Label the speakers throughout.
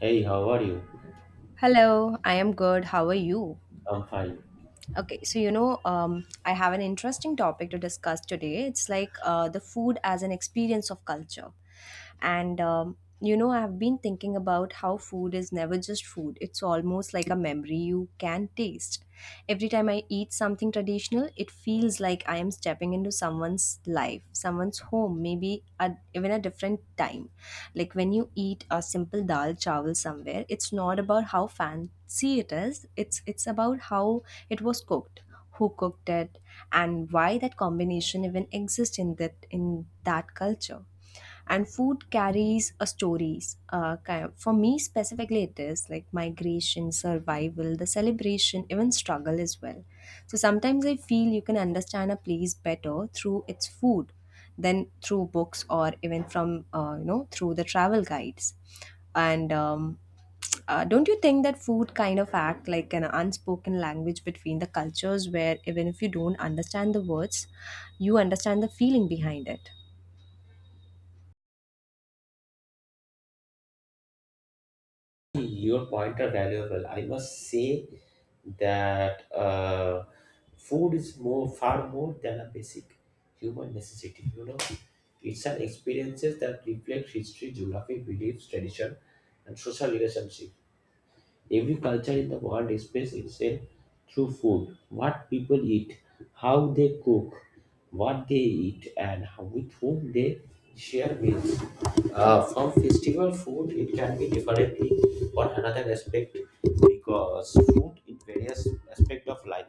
Speaker 1: Hey, how are you?
Speaker 2: Hello, I am good. How are you?
Speaker 1: I'm fine.
Speaker 2: Okay, so I have an interesting topic to discuss today. It's like the food as an experience of culture. I've been thinking about how food is never just food, it's almost like a memory you can taste. Every time I eat something traditional, it feels like I am stepping into someone's life, someone's home, maybe a even a different time. Like when you eat a simple dal chawal somewhere, it's not about how fancy it is, it's about how it was cooked, who cooked it, and why that combination even exists in that culture. And food carries a stories for me specifically it is like migration, survival, the celebration, even struggle as well. So sometimes I feel you can understand a place better through its food than through books or even from through the travel guides. And Don't you think that food kind of act like an unspoken language between the cultures, where even if you don't understand the words, you understand the feeling behind it?
Speaker 1: Your point are valuable. I must say that food is more far more than a basic human necessity. You know, it's an experiences that reflect history, geography, beliefs, tradition, and social relationship. Every culture in the world expresses itself through food, what people eat, how they cook, what they eat, and how, with whom they share meals. From festival food, it can be differently or another aspect because food in various aspect of life,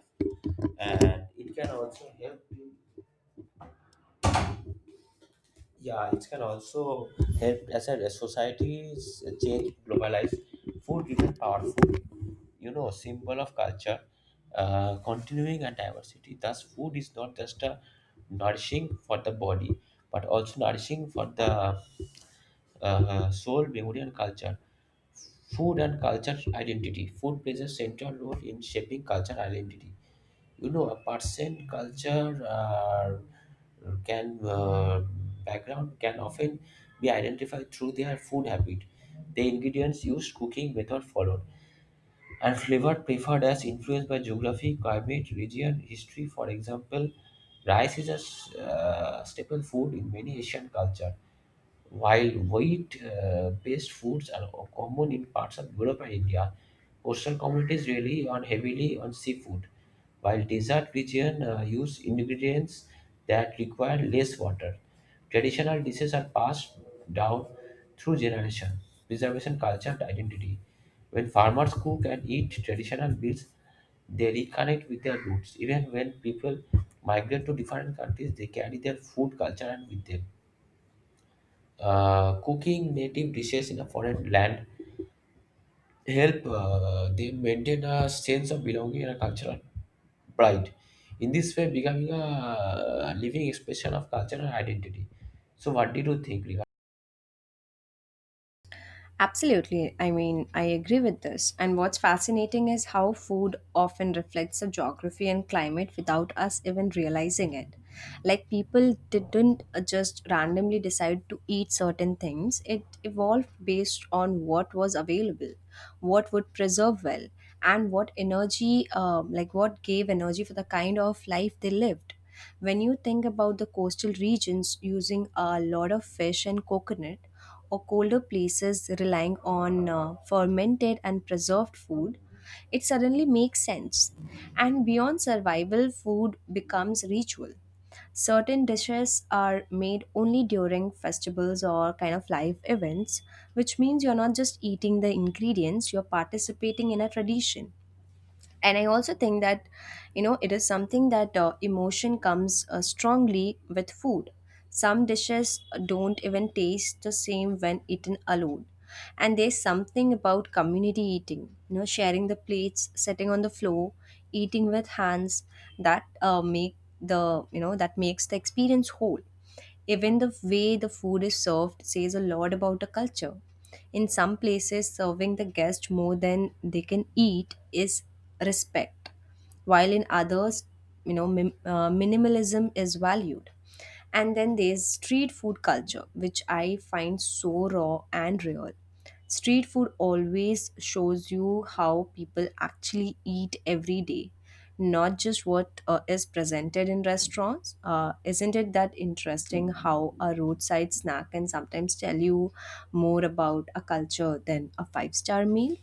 Speaker 1: and it can also help in. Yeah, it can also help as a society's change globalize. Food remain powerful, you know, symbol of culture, continuing and diversity. Thus, food is not just a nourishing for the body, but also nourishing for the soul, memory, and culture. Food and culture identity. Food plays a central role in shaping culture identity, you know, a person culture can background can often be identified through their food habit, the ingredients used, cooking method followed, and flavor preferred as influenced by geography, climate, region, history. For example, rice is a staple food in many Asian culture, while wheat-based foods are common in parts of Europe and India, coastal communities rely on heavily on seafood, while desert regions use ingredients that require less water. Traditional dishes are passed down through generation, preservation culture and identity. When farmers cook and eat traditional meals, they reconnect with their roots. Even when people migrate to different countries, they carry their food culture and with them. Cooking native dishes in a foreign land help them maintain a sense of belonging and a cultural pride. In this way, becoming a living expression of cultural identity. So, what did you think regarding?
Speaker 2: Absolutely. I mean, I agree with this. And what's fascinating is how food often reflects the geography and climate without us even realizing it. Like people didn't just randomly decide to eat certain things. It evolved based on what was available, what would preserve well, and what energy, like what gave energy for the kind of life they lived. When you think about the coastal regions using a lot of fish and coconut, or colder places relying on fermented and preserved food, it suddenly makes sense. And beyond survival, food becomes ritual. Certain dishes are made only during festivals or kind of live events, which means you're not just eating the ingredients, you're participating in a tradition. And I also think that, it is something that emotion comes strongly with food. Some dishes don't even taste the same when eaten alone. And there's something about community eating, you know, sharing the plates, sitting on the floor, eating with hands, that make the you know that makes the experience whole. Even the way the food is served says a lot about a culture. In some places, serving the guest more than they can eat is respect, while in others, you know, minimalism is valued. And then there's street food culture, which I find so raw and real. Street food always shows you how people actually eat every day, not just what is presented in restaurants. Isn't it that interesting how a roadside snack can sometimes tell you more about a culture than a five-star meal?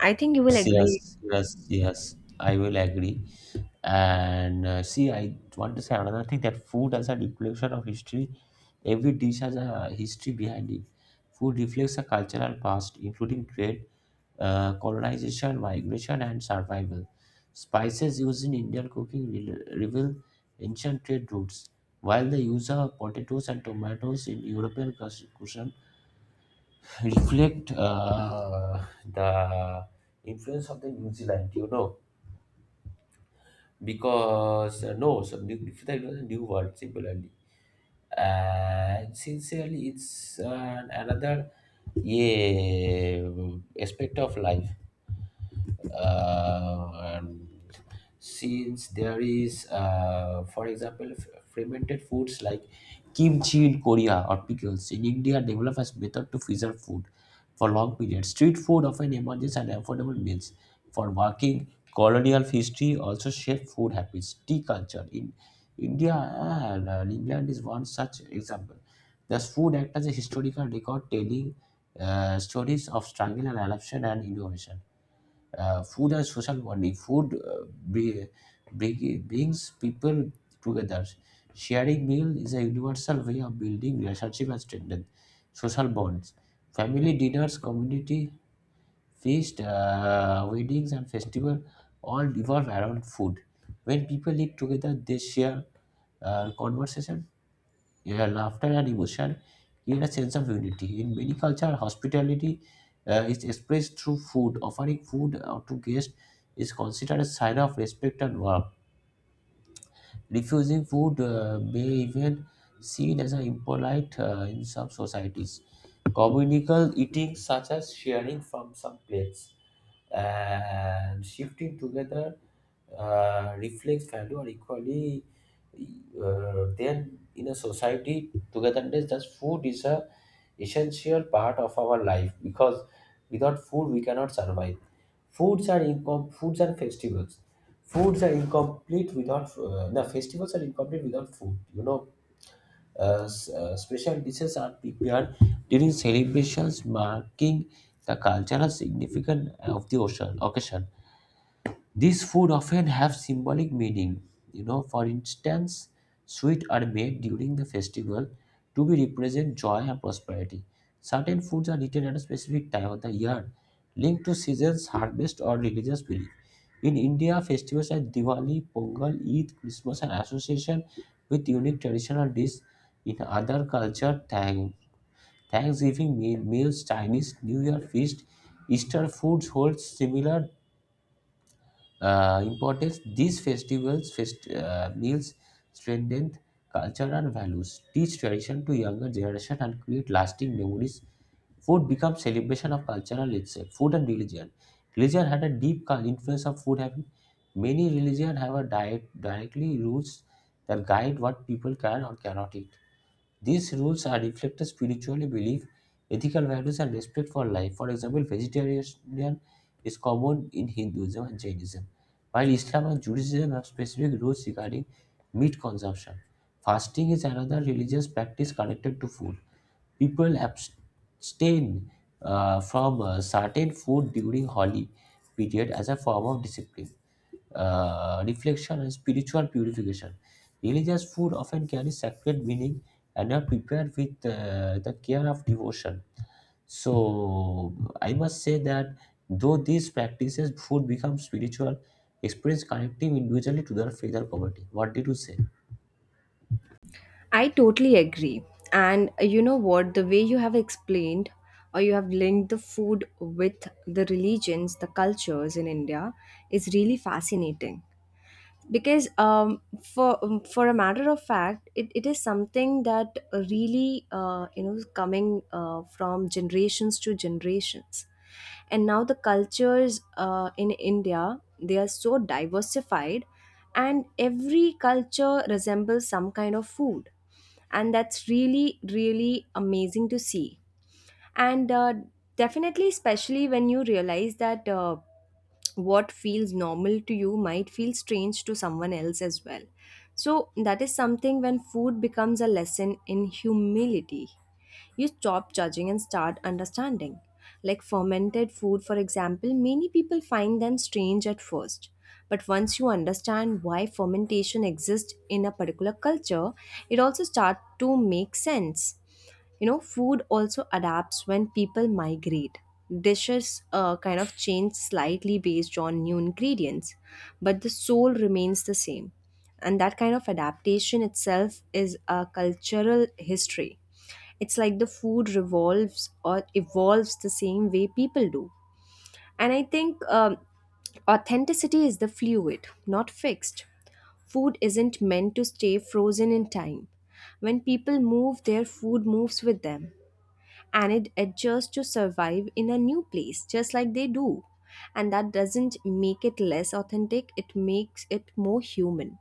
Speaker 2: I think you will
Speaker 1: Yes,
Speaker 2: agree.
Speaker 1: yes, yes, yes, I will agree. And see, I want to say another thing that food as a reflection of history, every dish has a history behind it. Food reflects a cultural past, including trade, colonization, migration, and survival. Spices used in Indian cooking reveal ancient trade routes, while the use of potatoes and tomatoes in European cuisine reflect the influence of the New Zealand, you know, because no, so New Zealand was a new world similarly, and sincerely, it's another, yeah, aspect of life, and since there is, for example, fermented foods like kimchi in Korea or pickles in India develop as method to preserve food for long periods. Street food often emerges and affordable meals for working. Colonial history also shape food habits. Tea culture in India and England is one such example. Thus, food acts as a historical record telling stories of struggle and adoption and innovation. Food and social bonding. Food brings people together. Sharing meal is a universal way of building relationship and strengthen social bonds. Family dinners, community feast, weddings, and festival all revolve around food. When people eat together, they share conversation, yeah, laughter and emotion create a sense of unity. In many cultures, hospitality is expressed through food. Offering food to guests is considered a sign of respect and warmth. Refusing food may even seen as an impolite in some societies. Communal eating, such as sharing from some plates and shifting together, reflects value are equally. Then, in a society, togetherness, thus food is a essential part of our life because without food, we cannot survive. Foods and festivals. Foods are incomplete without the festivals are incomplete without food. You know, special dishes are prepared during celebrations marking the cultural significance of the occasion. These food often have symbolic meaning. You know, for instance, sweets are made during the festival to be represent joy and prosperity. Certain foods are eaten at a specific time of the year, linked to seasons, harvest, or religious belief. In India, festivals like Diwali, Pongal, Eid, Christmas are association with unique traditional dishes. In other culture, Thanksgiving meals, Chinese New Year feast, Easter foods hold similar importance. These festivals, meals strengthen culture and values, teach tradition to younger generation, and create lasting memories. Food becomes celebration of cultural itself. Food and religion. Religion had a deep influence of food habit. Many religions have a diet directly rules that guide what people can or cannot eat. These rules are reflected spiritually belief, ethical values, and respect for life. For example, vegetarianism is common in Hinduism and Jainism, while Islam and Judaism have specific rules regarding meat consumption. Fasting is another religious practice connected to food. People abstain from certain food during holy period as a form of discipline, reflection, and spiritual purification. Religious food often carries sacred meaning and are prepared with the care of devotion. So I must say that though these practices, food becomes spiritual, experience connecting individually to their faith and community. What did you say?
Speaker 2: I totally agree. And you know what? The way you have explained or you have linked the food with the religions, the cultures in India is really fascinating. Because for a matter of fact, it is something that really you know is coming from generations to generations, and now the cultures in India they are so diversified, and every culture resembles some kind of food, and that's really really amazing to see. And Definitely, especially when you realize that, what feels normal to you might feel strange to someone else as well. So that is something, when food becomes a lesson in humility, you stop judging and start understanding. Like fermented food, for example, many people find them strange at first. But once you understand why fermentation exists in a particular culture, it also starts to make sense. You know, food also adapts when people migrate. Dishes kind of change slightly based on new ingredients, but the soul remains the same. And that kind of adaptation itself is a cultural history. It's like the food revolves or evolves the same way people do. And I think, authenticity is the fluid, not fixed. Food isn't meant to stay frozen in time. When people move, their food moves with them and it adjusts to survive in a new place, just like they do. And that doesn't make it less authentic, it makes it more human.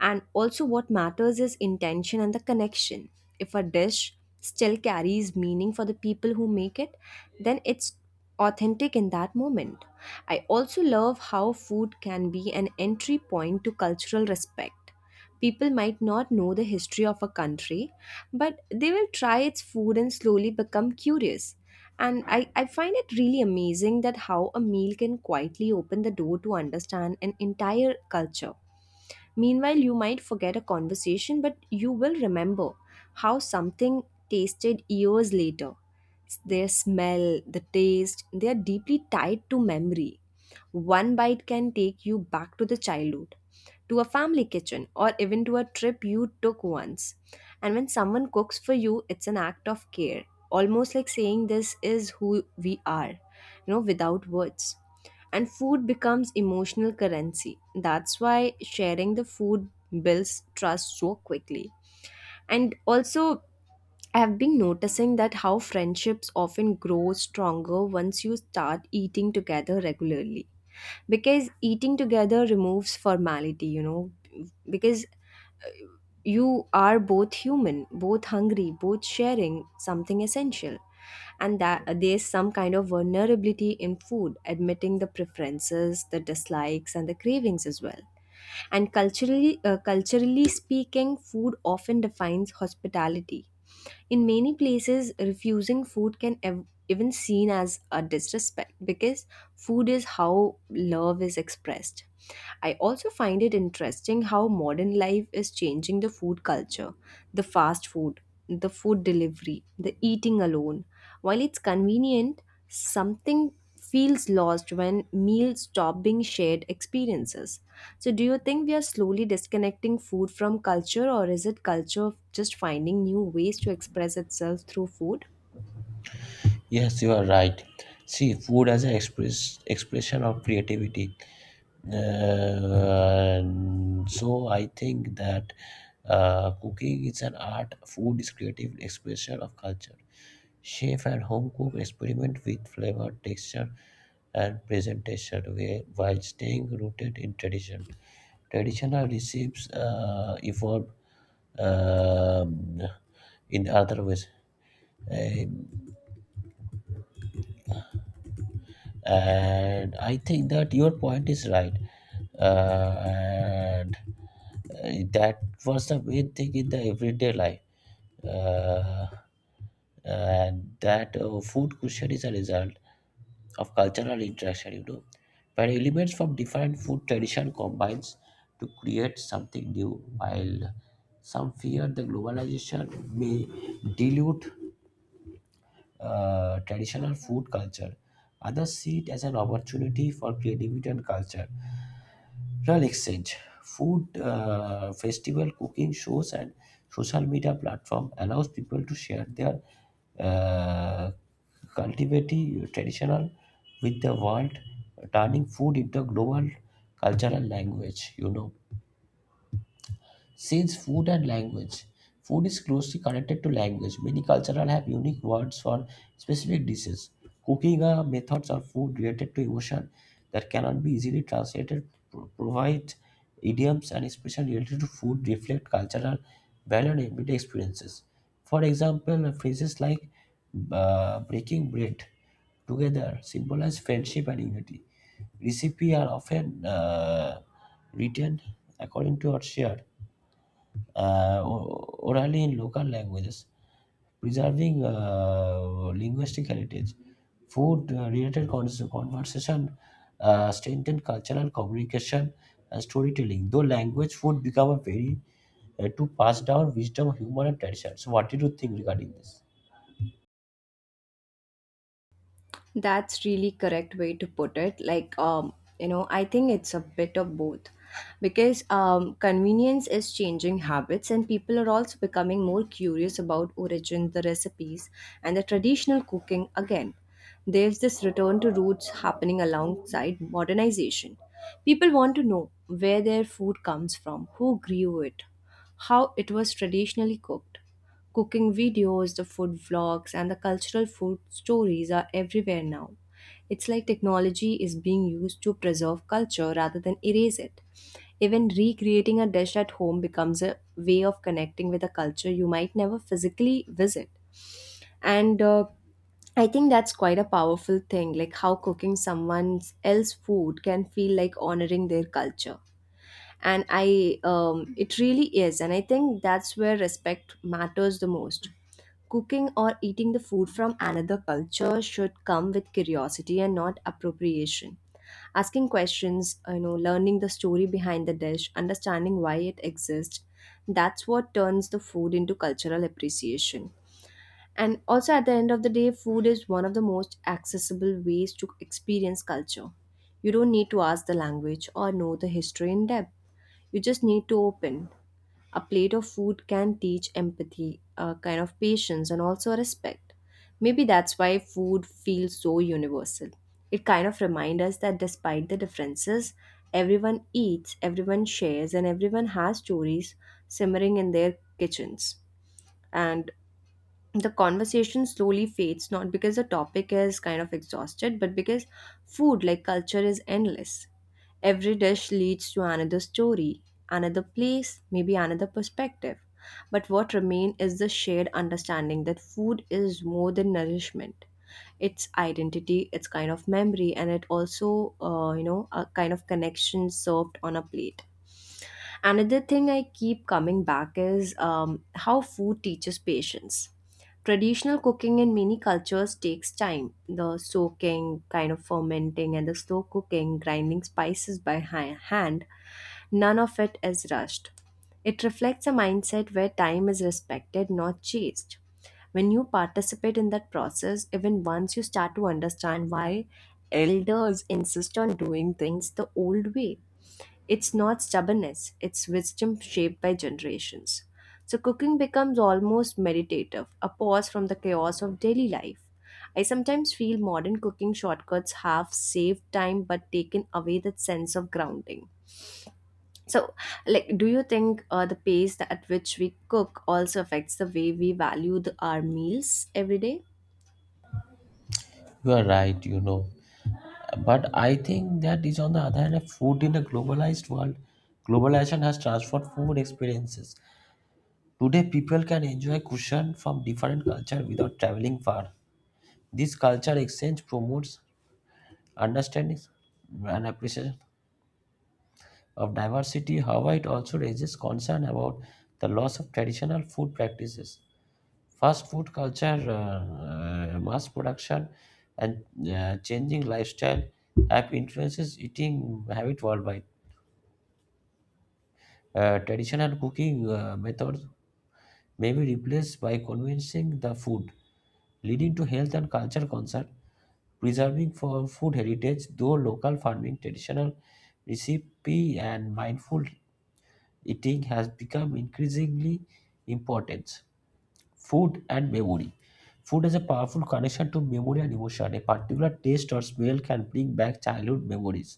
Speaker 2: And also, what matters is intention and the connection. If a dish still carries meaning for the people who make it, then it's authentic in that moment. I also love how food can be an entry point to cultural respect. People might not know the history of a country, but they will try its food and slowly become curious. And I find it really amazing that how a meal can quietly open the door to understand an entire culture. Meanwhile, you might forget a conversation, but you will remember how something tasted years later. Their smell, the taste, they are deeply tied to memory. One bite can take you back to the childhood, to a family kitchen, or even to a trip you took once. And when someone cooks for you, it's an act of care, almost like saying, "This is who we are," you know, without words. And food becomes emotional currency. That's why sharing the food builds trust so quickly. And also, I have been noticing that how friendships often grow stronger once you start eating together regularly, because eating together removes formality, you know, because you are both human, both hungry, both sharing something essential. And that there's some kind of vulnerability in food, admitting the preferences, the dislikes, and the cravings as well. And culturally, culturally speaking, food often defines hospitality. In many places, refusing food can even seen as a disrespect, because food is how love is expressed. I also find it interesting how modern life is changing the food culture, the fast food, the food delivery, the eating alone. While it's convenient, something feels lost when meals stop being shared experiences. So, do you think we are slowly disconnecting food from culture, or is it culture just finding new ways to express itself through food?
Speaker 1: Yes, you are right. See, food as an expression of creativity. Uh, so I think that cooking is an art. Food is creative expression of culture. Chef and home cook experiment with flavor, texture, and presentation while staying rooted in tradition. Traditional recipes evolve um, in other ways. Uh, and I think that your point is right, and that was the main thing in the everyday life, uh, and that food cuisine is a result of cultural interaction, you know, where elements from different food tradition combines to create something new, while some fear the globalization may dilute traditional food culture. Others see it as an opportunity for creativity and culture. Cultural exchange, food festival, cooking shows, and social media platform allows people to share their uh, cultivating traditional with the world, turning food into a global cultural language, you know. Since food and language, food is closely connected to language. Many cultures have unique words for specific dishes. Cooking methods or food related to emotion that cannot be easily translated provide idioms and expressions related to food reflect cultural value and everyday experiences. For example, phrases like breaking bread together symbolize friendship and unity. Recipe are often written according to or shared orally in local languages, preserving linguistic heritage. Food related conversation strengthen cultural communication and storytelling. Though language, food become a very to pass down wisdom, humor, and tradition. So, what did you think regarding this?
Speaker 2: That's really correct way to put it. Like, you know, I think it's a bit of both, because convenience is changing habits, and people are also becoming more curious about origin, the recipes, and the traditional cooking again. There's this return to roots happening alongside modernization. People want to know where their food comes from, who grew it, how it was traditionally cooked. Cooking videos, the food vlogs, and the cultural food stories are everywhere now. It's like technology is being used to preserve culture rather than erase it. Even recreating a dish at home becomes a way of connecting with a culture you might never physically visit. And I think that's quite a powerful thing, like how cooking someone else's food can feel like honoring their culture. And it really is. And I think that's where respect matters the most. Cooking or eating the food from another culture should come with curiosity and not appropriation. Asking questions, you know, learning the story behind the dish, understanding why it exists, that's what turns the food into cultural appreciation. And also, at the end of the day, food is one of the most accessible ways to experience culture. You don't need to ask the language or know the history in depth. You just need to open. A plate of food can teach empathy, a kind of patience, and also respect. Maybe that's why food feels so universal. It kind of reminds us that despite the differences, everyone eats, everyone shares, and everyone has stories simmering in their kitchens. And the conversation slowly fades, not because the topic is kind of exhausted, but because food, like culture, is endless. Every dish leads to another story, another place, maybe another perspective. But what remains is the shared understanding that food is more than nourishment. It's identity, it's kind of memory, and it also, a kind of connection served on a plate. Another thing I keep coming back is, how food teaches patience. Traditional cooking in many cultures takes time. The soaking, kind of fermenting, and the slow cooking, grinding spices by hand, none of it is rushed. It reflects a mindset where time is respected, not chased. When you participate in that process, even once, you start to understand why elders insist on doing things the old way. It's not stubbornness, it's wisdom shaped by generations. So cooking becomes almost meditative, a pause from the chaos of daily life. I sometimes feel modern cooking shortcuts have saved time but taken away that sense of grounding. So, like, do you think the pace at which we cook also affects the way we value our meals every day?
Speaker 1: You are right, you know. But I think that is on the other hand, food in a globalized world, globalization has transformed food experiences. Today people can enjoy cuisine from different culture without traveling far. This culture exchange promotes understanding and appreciation of diversity. However, it also raises concern about the loss of traditional food practices. Fast food culture, mass production, and changing lifestyle have influences eating habit worldwide. Traditional cooking methods may be replaced by convincing the food, leading to health and culture concern. Preserving for food heritage though local farming, traditional recipe, and mindful eating has become increasingly important. Food and memory. Food has a powerful connection to memory and emotion. A particular taste or smell can bring back childhood memories,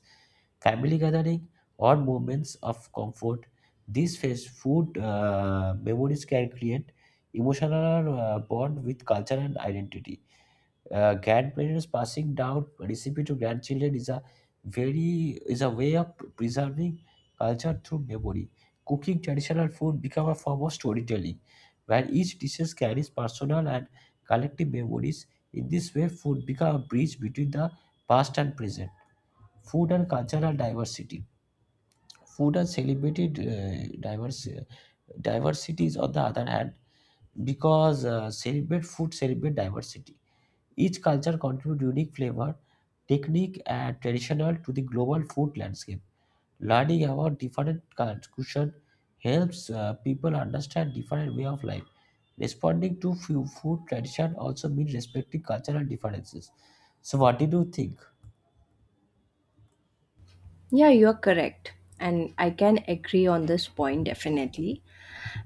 Speaker 1: family gathering, or moments of comfort. These face food memories can create emotional bond with culture and identity. Grandparents passing down recipe to grandchildren is a way of preserving culture through memory. Cooking traditional food become a form of storytelling, where each dishes carries personal and collective memories. In this way, food become a bridge between the past and present. Food and cultural diversity. Food and celebrated diversities on the other hand, because celebrate diversity. Each culture contributes unique flavor, technique, and traditional to the global food landscape. Learning about different cuisine helps people understand different way of life. Responding to few food tradition also means respecting cultural differences. So, what did you think?
Speaker 2: Yeah, you're correct. And I can agree on this point definitely.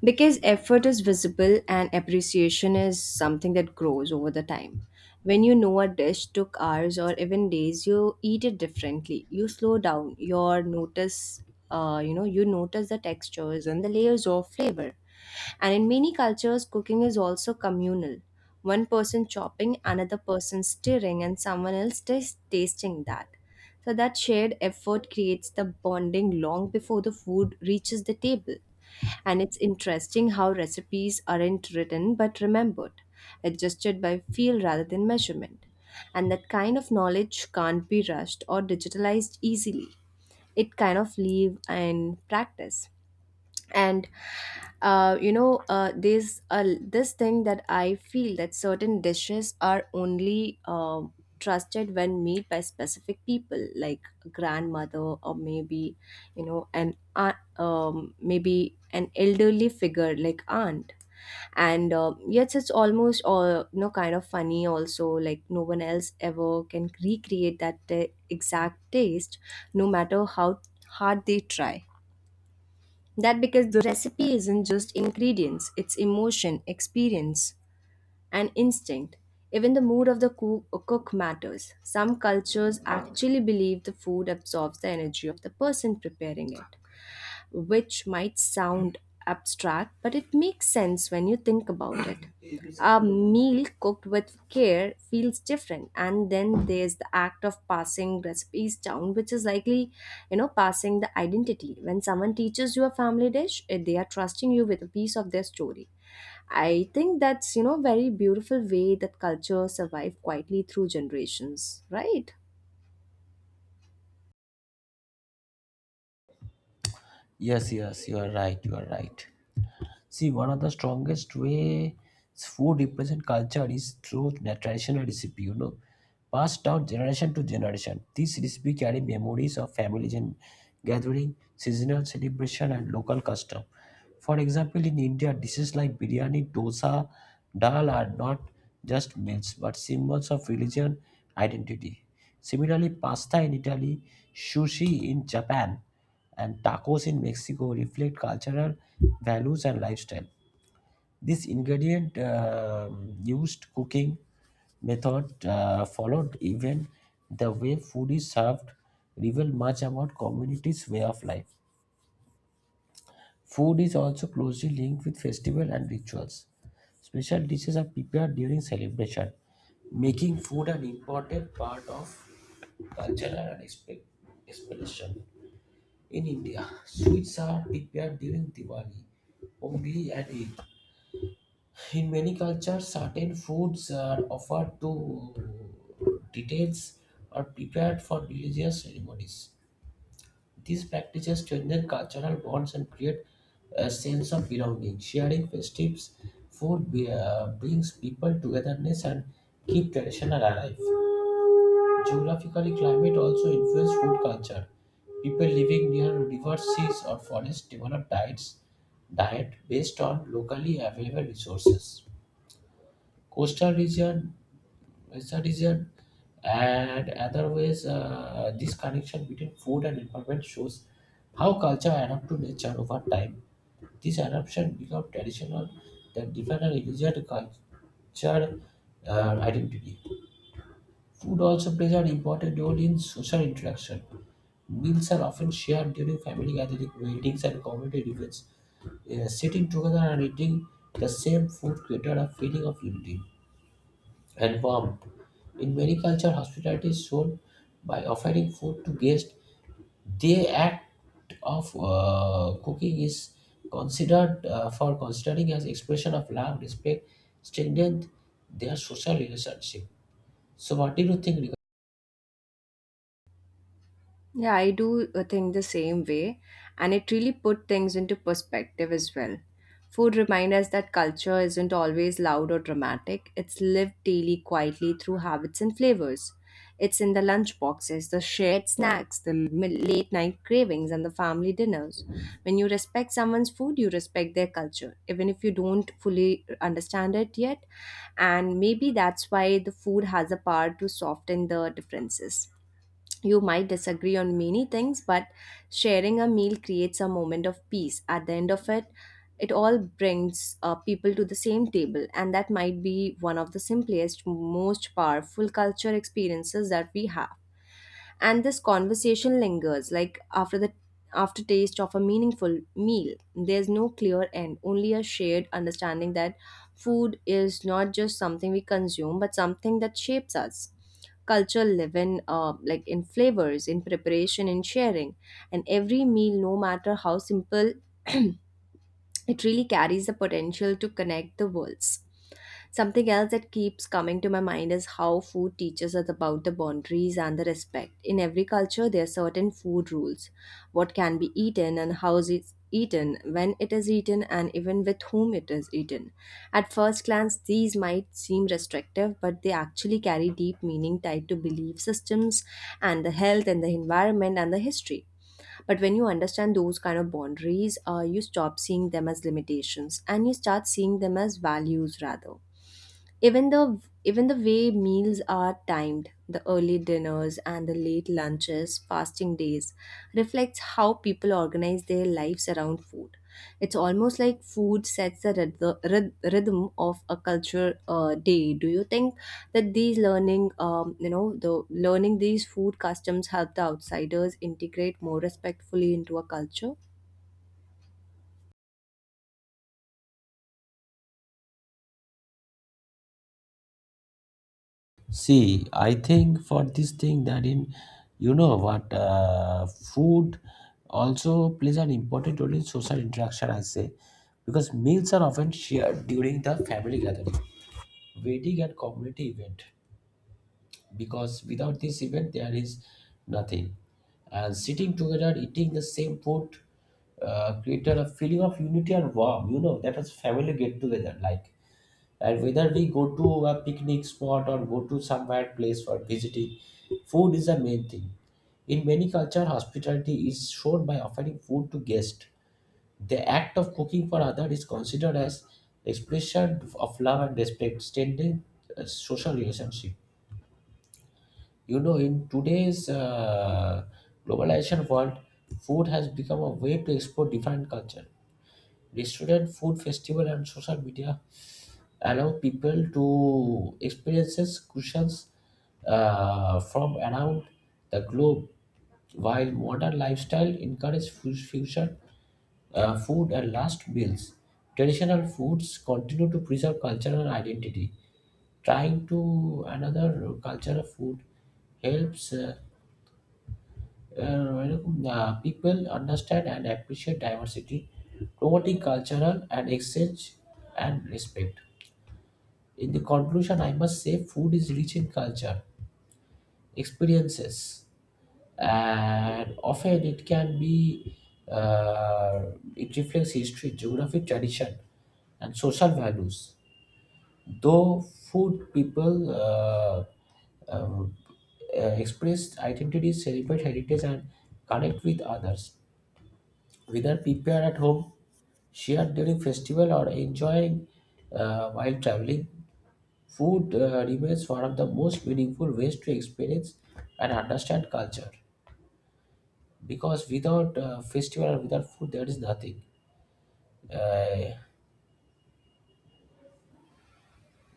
Speaker 2: Because effort is visible and appreciation is something that grows over the time. When you know a dish took hours or even days, you eat it differently. You slow down, your notice you notice the textures and the layers of flavor. And in many cultures, cooking is also communal. One person chopping, another person stirring, and someone else tasting that. So that shared effort creates the bonding long before the food reaches the table. And it's interesting how recipes aren't written but remembered, adjusted by feel rather than measurement. And that kind of knowledge can't be rushed or digitalized easily. It kind of live and practice and there's a this thing that I feel that certain dishes are only trusted when made by specific people, like a grandmother, or maybe an aunt, maybe an elderly figure like aunt. And Yet it's almost kind of funny also, like no one else ever can recreate that exact taste no matter how hard they try. That because the recipe isn't just ingredients, it's emotion, experience, and instinct. Even the mood of the cook matters. Some cultures actually believe the food absorbs the energy of the person preparing it, which might sound abstract, but it makes sense when you think about it. A meal cooked with care feels different, and then there's the act of passing recipes down, which is likely, you know, passing the identity. When someone teaches you a family dish, eh, they are trusting you with a piece of their story. I think that's, you know, very beautiful way that culture survive quietly through generations, right?
Speaker 1: Yes, yes, you are right. You are right. See, one of the strongest ways food represent culture is through the traditional recipe, you know, passed down generation to generation. These recipe carry memories of families and gathering, seasonal celebration, and local custom. For example, in India, dishes like biryani, dosa, dal are not just meals but symbols of religion identity. Similarly, pasta in Italy, sushi in Japan, and tacos in Mexico reflect cultural values and lifestyle. This ingredient used cooking method followed, even the way food is served, reveal much about communities' way of life. Food is also closely linked with festival and rituals. Special dishes are prepared during celebration, making food an important part of cultural and expression. In India, sweets are prepared during Diwali, Ongi, and Eid. In many cultures, certain foods are offered to deities or prepared for religious ceremonies. These practices strengthen cultural bonds and create a sense of belonging. Sharing festives food brings people togetherness and keep tradition alive. Geographically climate also influences food culture. People living near rivers, seas, or forests develop diet based on locally available resources. Coastal region, western region, and other ways, this connection between food and environment shows how culture adapt to nature over time. This adaptation become traditional that define a religion culture identity. Food also plays an important role in social interaction. Meals are often shared during family gatherings, weddings, and community events. Sitting together and eating the same food created a feeling of unity and warmth. In many cultures, hospitality is shown by offering food to guests. The act of cooking is considered for considering as expression of love, respect, strengthen their social relationship. So, what do you think?
Speaker 2: Yeah, I do think the same way, and it really put things into perspective as well. Food reminds us that culture isn't always loud or dramatic. It's lived daily quietly through habits and flavors. It's in the lunch boxes, the shared snacks, the late night cravings, and the family dinners. When you respect someone's food, you respect their culture, even if you don't fully understand it yet. And maybe that's why the food has a power to soften the differences. You might disagree on many things, but sharing a meal creates a moment of peace. At the end of it, it all brings people to the same table, and that might be one of the simplest, most powerful culture experiences that we have. And this conversation lingers like after the aftertaste of a meaningful meal. There's no clear end, only a shared understanding that food is not just something we consume but something that shapes us. Culture live in, like in flavors, in preparation, in sharing, and every meal, no matter how simple, it really carries the potential to connect the worlds. Something else that keeps coming to my mind is how food teaches us about the boundaries and the respect. In every culture, there are certain food rules: what can be eaten and how it's eaten, when it is eaten, and even with whom it is eaten. At first glance, these might seem restrictive, but they actually carry deep meaning tied to belief systems and the health and the environment and the history. But when you understand those kind of boundaries, you stop seeing them as limitations and you start seeing them as values rather. Even the even the way meals are timed, the early dinners and the late lunches, fasting days, reflects how people organize their lives around food. It's almost like food sets the rhythm of a culture day. Do you think that these learning, the learning these food customs, help the outsiders integrate more respectfully into a culture?
Speaker 1: See, I think for this thing that in, you know what, food also plays an important role in social interaction, I say, because meals are often shared during the family gathering, wedding, and community event, because without this event there is nothing. And sitting together, eating the same food, created a feeling of unity and warmth, you know, that was family get together, like, and whether we go to a picnic spot or go to some somewhere place for visiting, food is the main thing. In many cultures, hospitality is shown by offering food to guests. The act of cooking for others is considered as expression of love and respect, strengthening social relationship. You know, in today's globalization world, food has become a way to explore different culture. Restaurant food festival and social media allow people to experiences cushions from around the globe. While modern lifestyle encourage fusion food and last meals, traditional foods continue to preserve cultural identity. Trying to another cultural food helps people understand and appreciate diversity, promoting cultural and exchange and respect. In the conclusion, I must say food is rich in culture, experiences, and often it can be, uh, it reflects history, geography, tradition, and social values. Though food people um, express identity, celebrate heritage, and connect with others, whether people are at home, share during festival, or enjoying while traveling, food remains one of the most meaningful ways to experience and understand culture, because without festival or without food, there is nothing. Uh,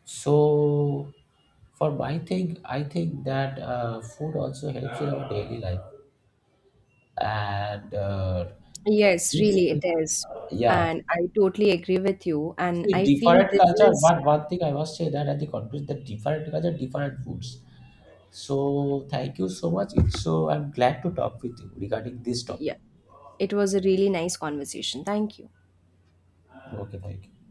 Speaker 1: so, for my thing, I think that food also helps in our daily life. And for
Speaker 2: Yes,
Speaker 1: this
Speaker 2: really,
Speaker 1: thing,
Speaker 2: it is.
Speaker 1: yeah.
Speaker 2: And I totally agree with you. And
Speaker 1: See,
Speaker 2: I feel
Speaker 1: different
Speaker 2: this
Speaker 1: culture,
Speaker 2: is,
Speaker 1: but one thing I must say that at the conference, the different culture, different foods. So, thank you so much. It's so I'm glad to talk with you regarding this topic.
Speaker 2: yeah, it was a really nice conversation. Thank you.
Speaker 1: Okay, thank you.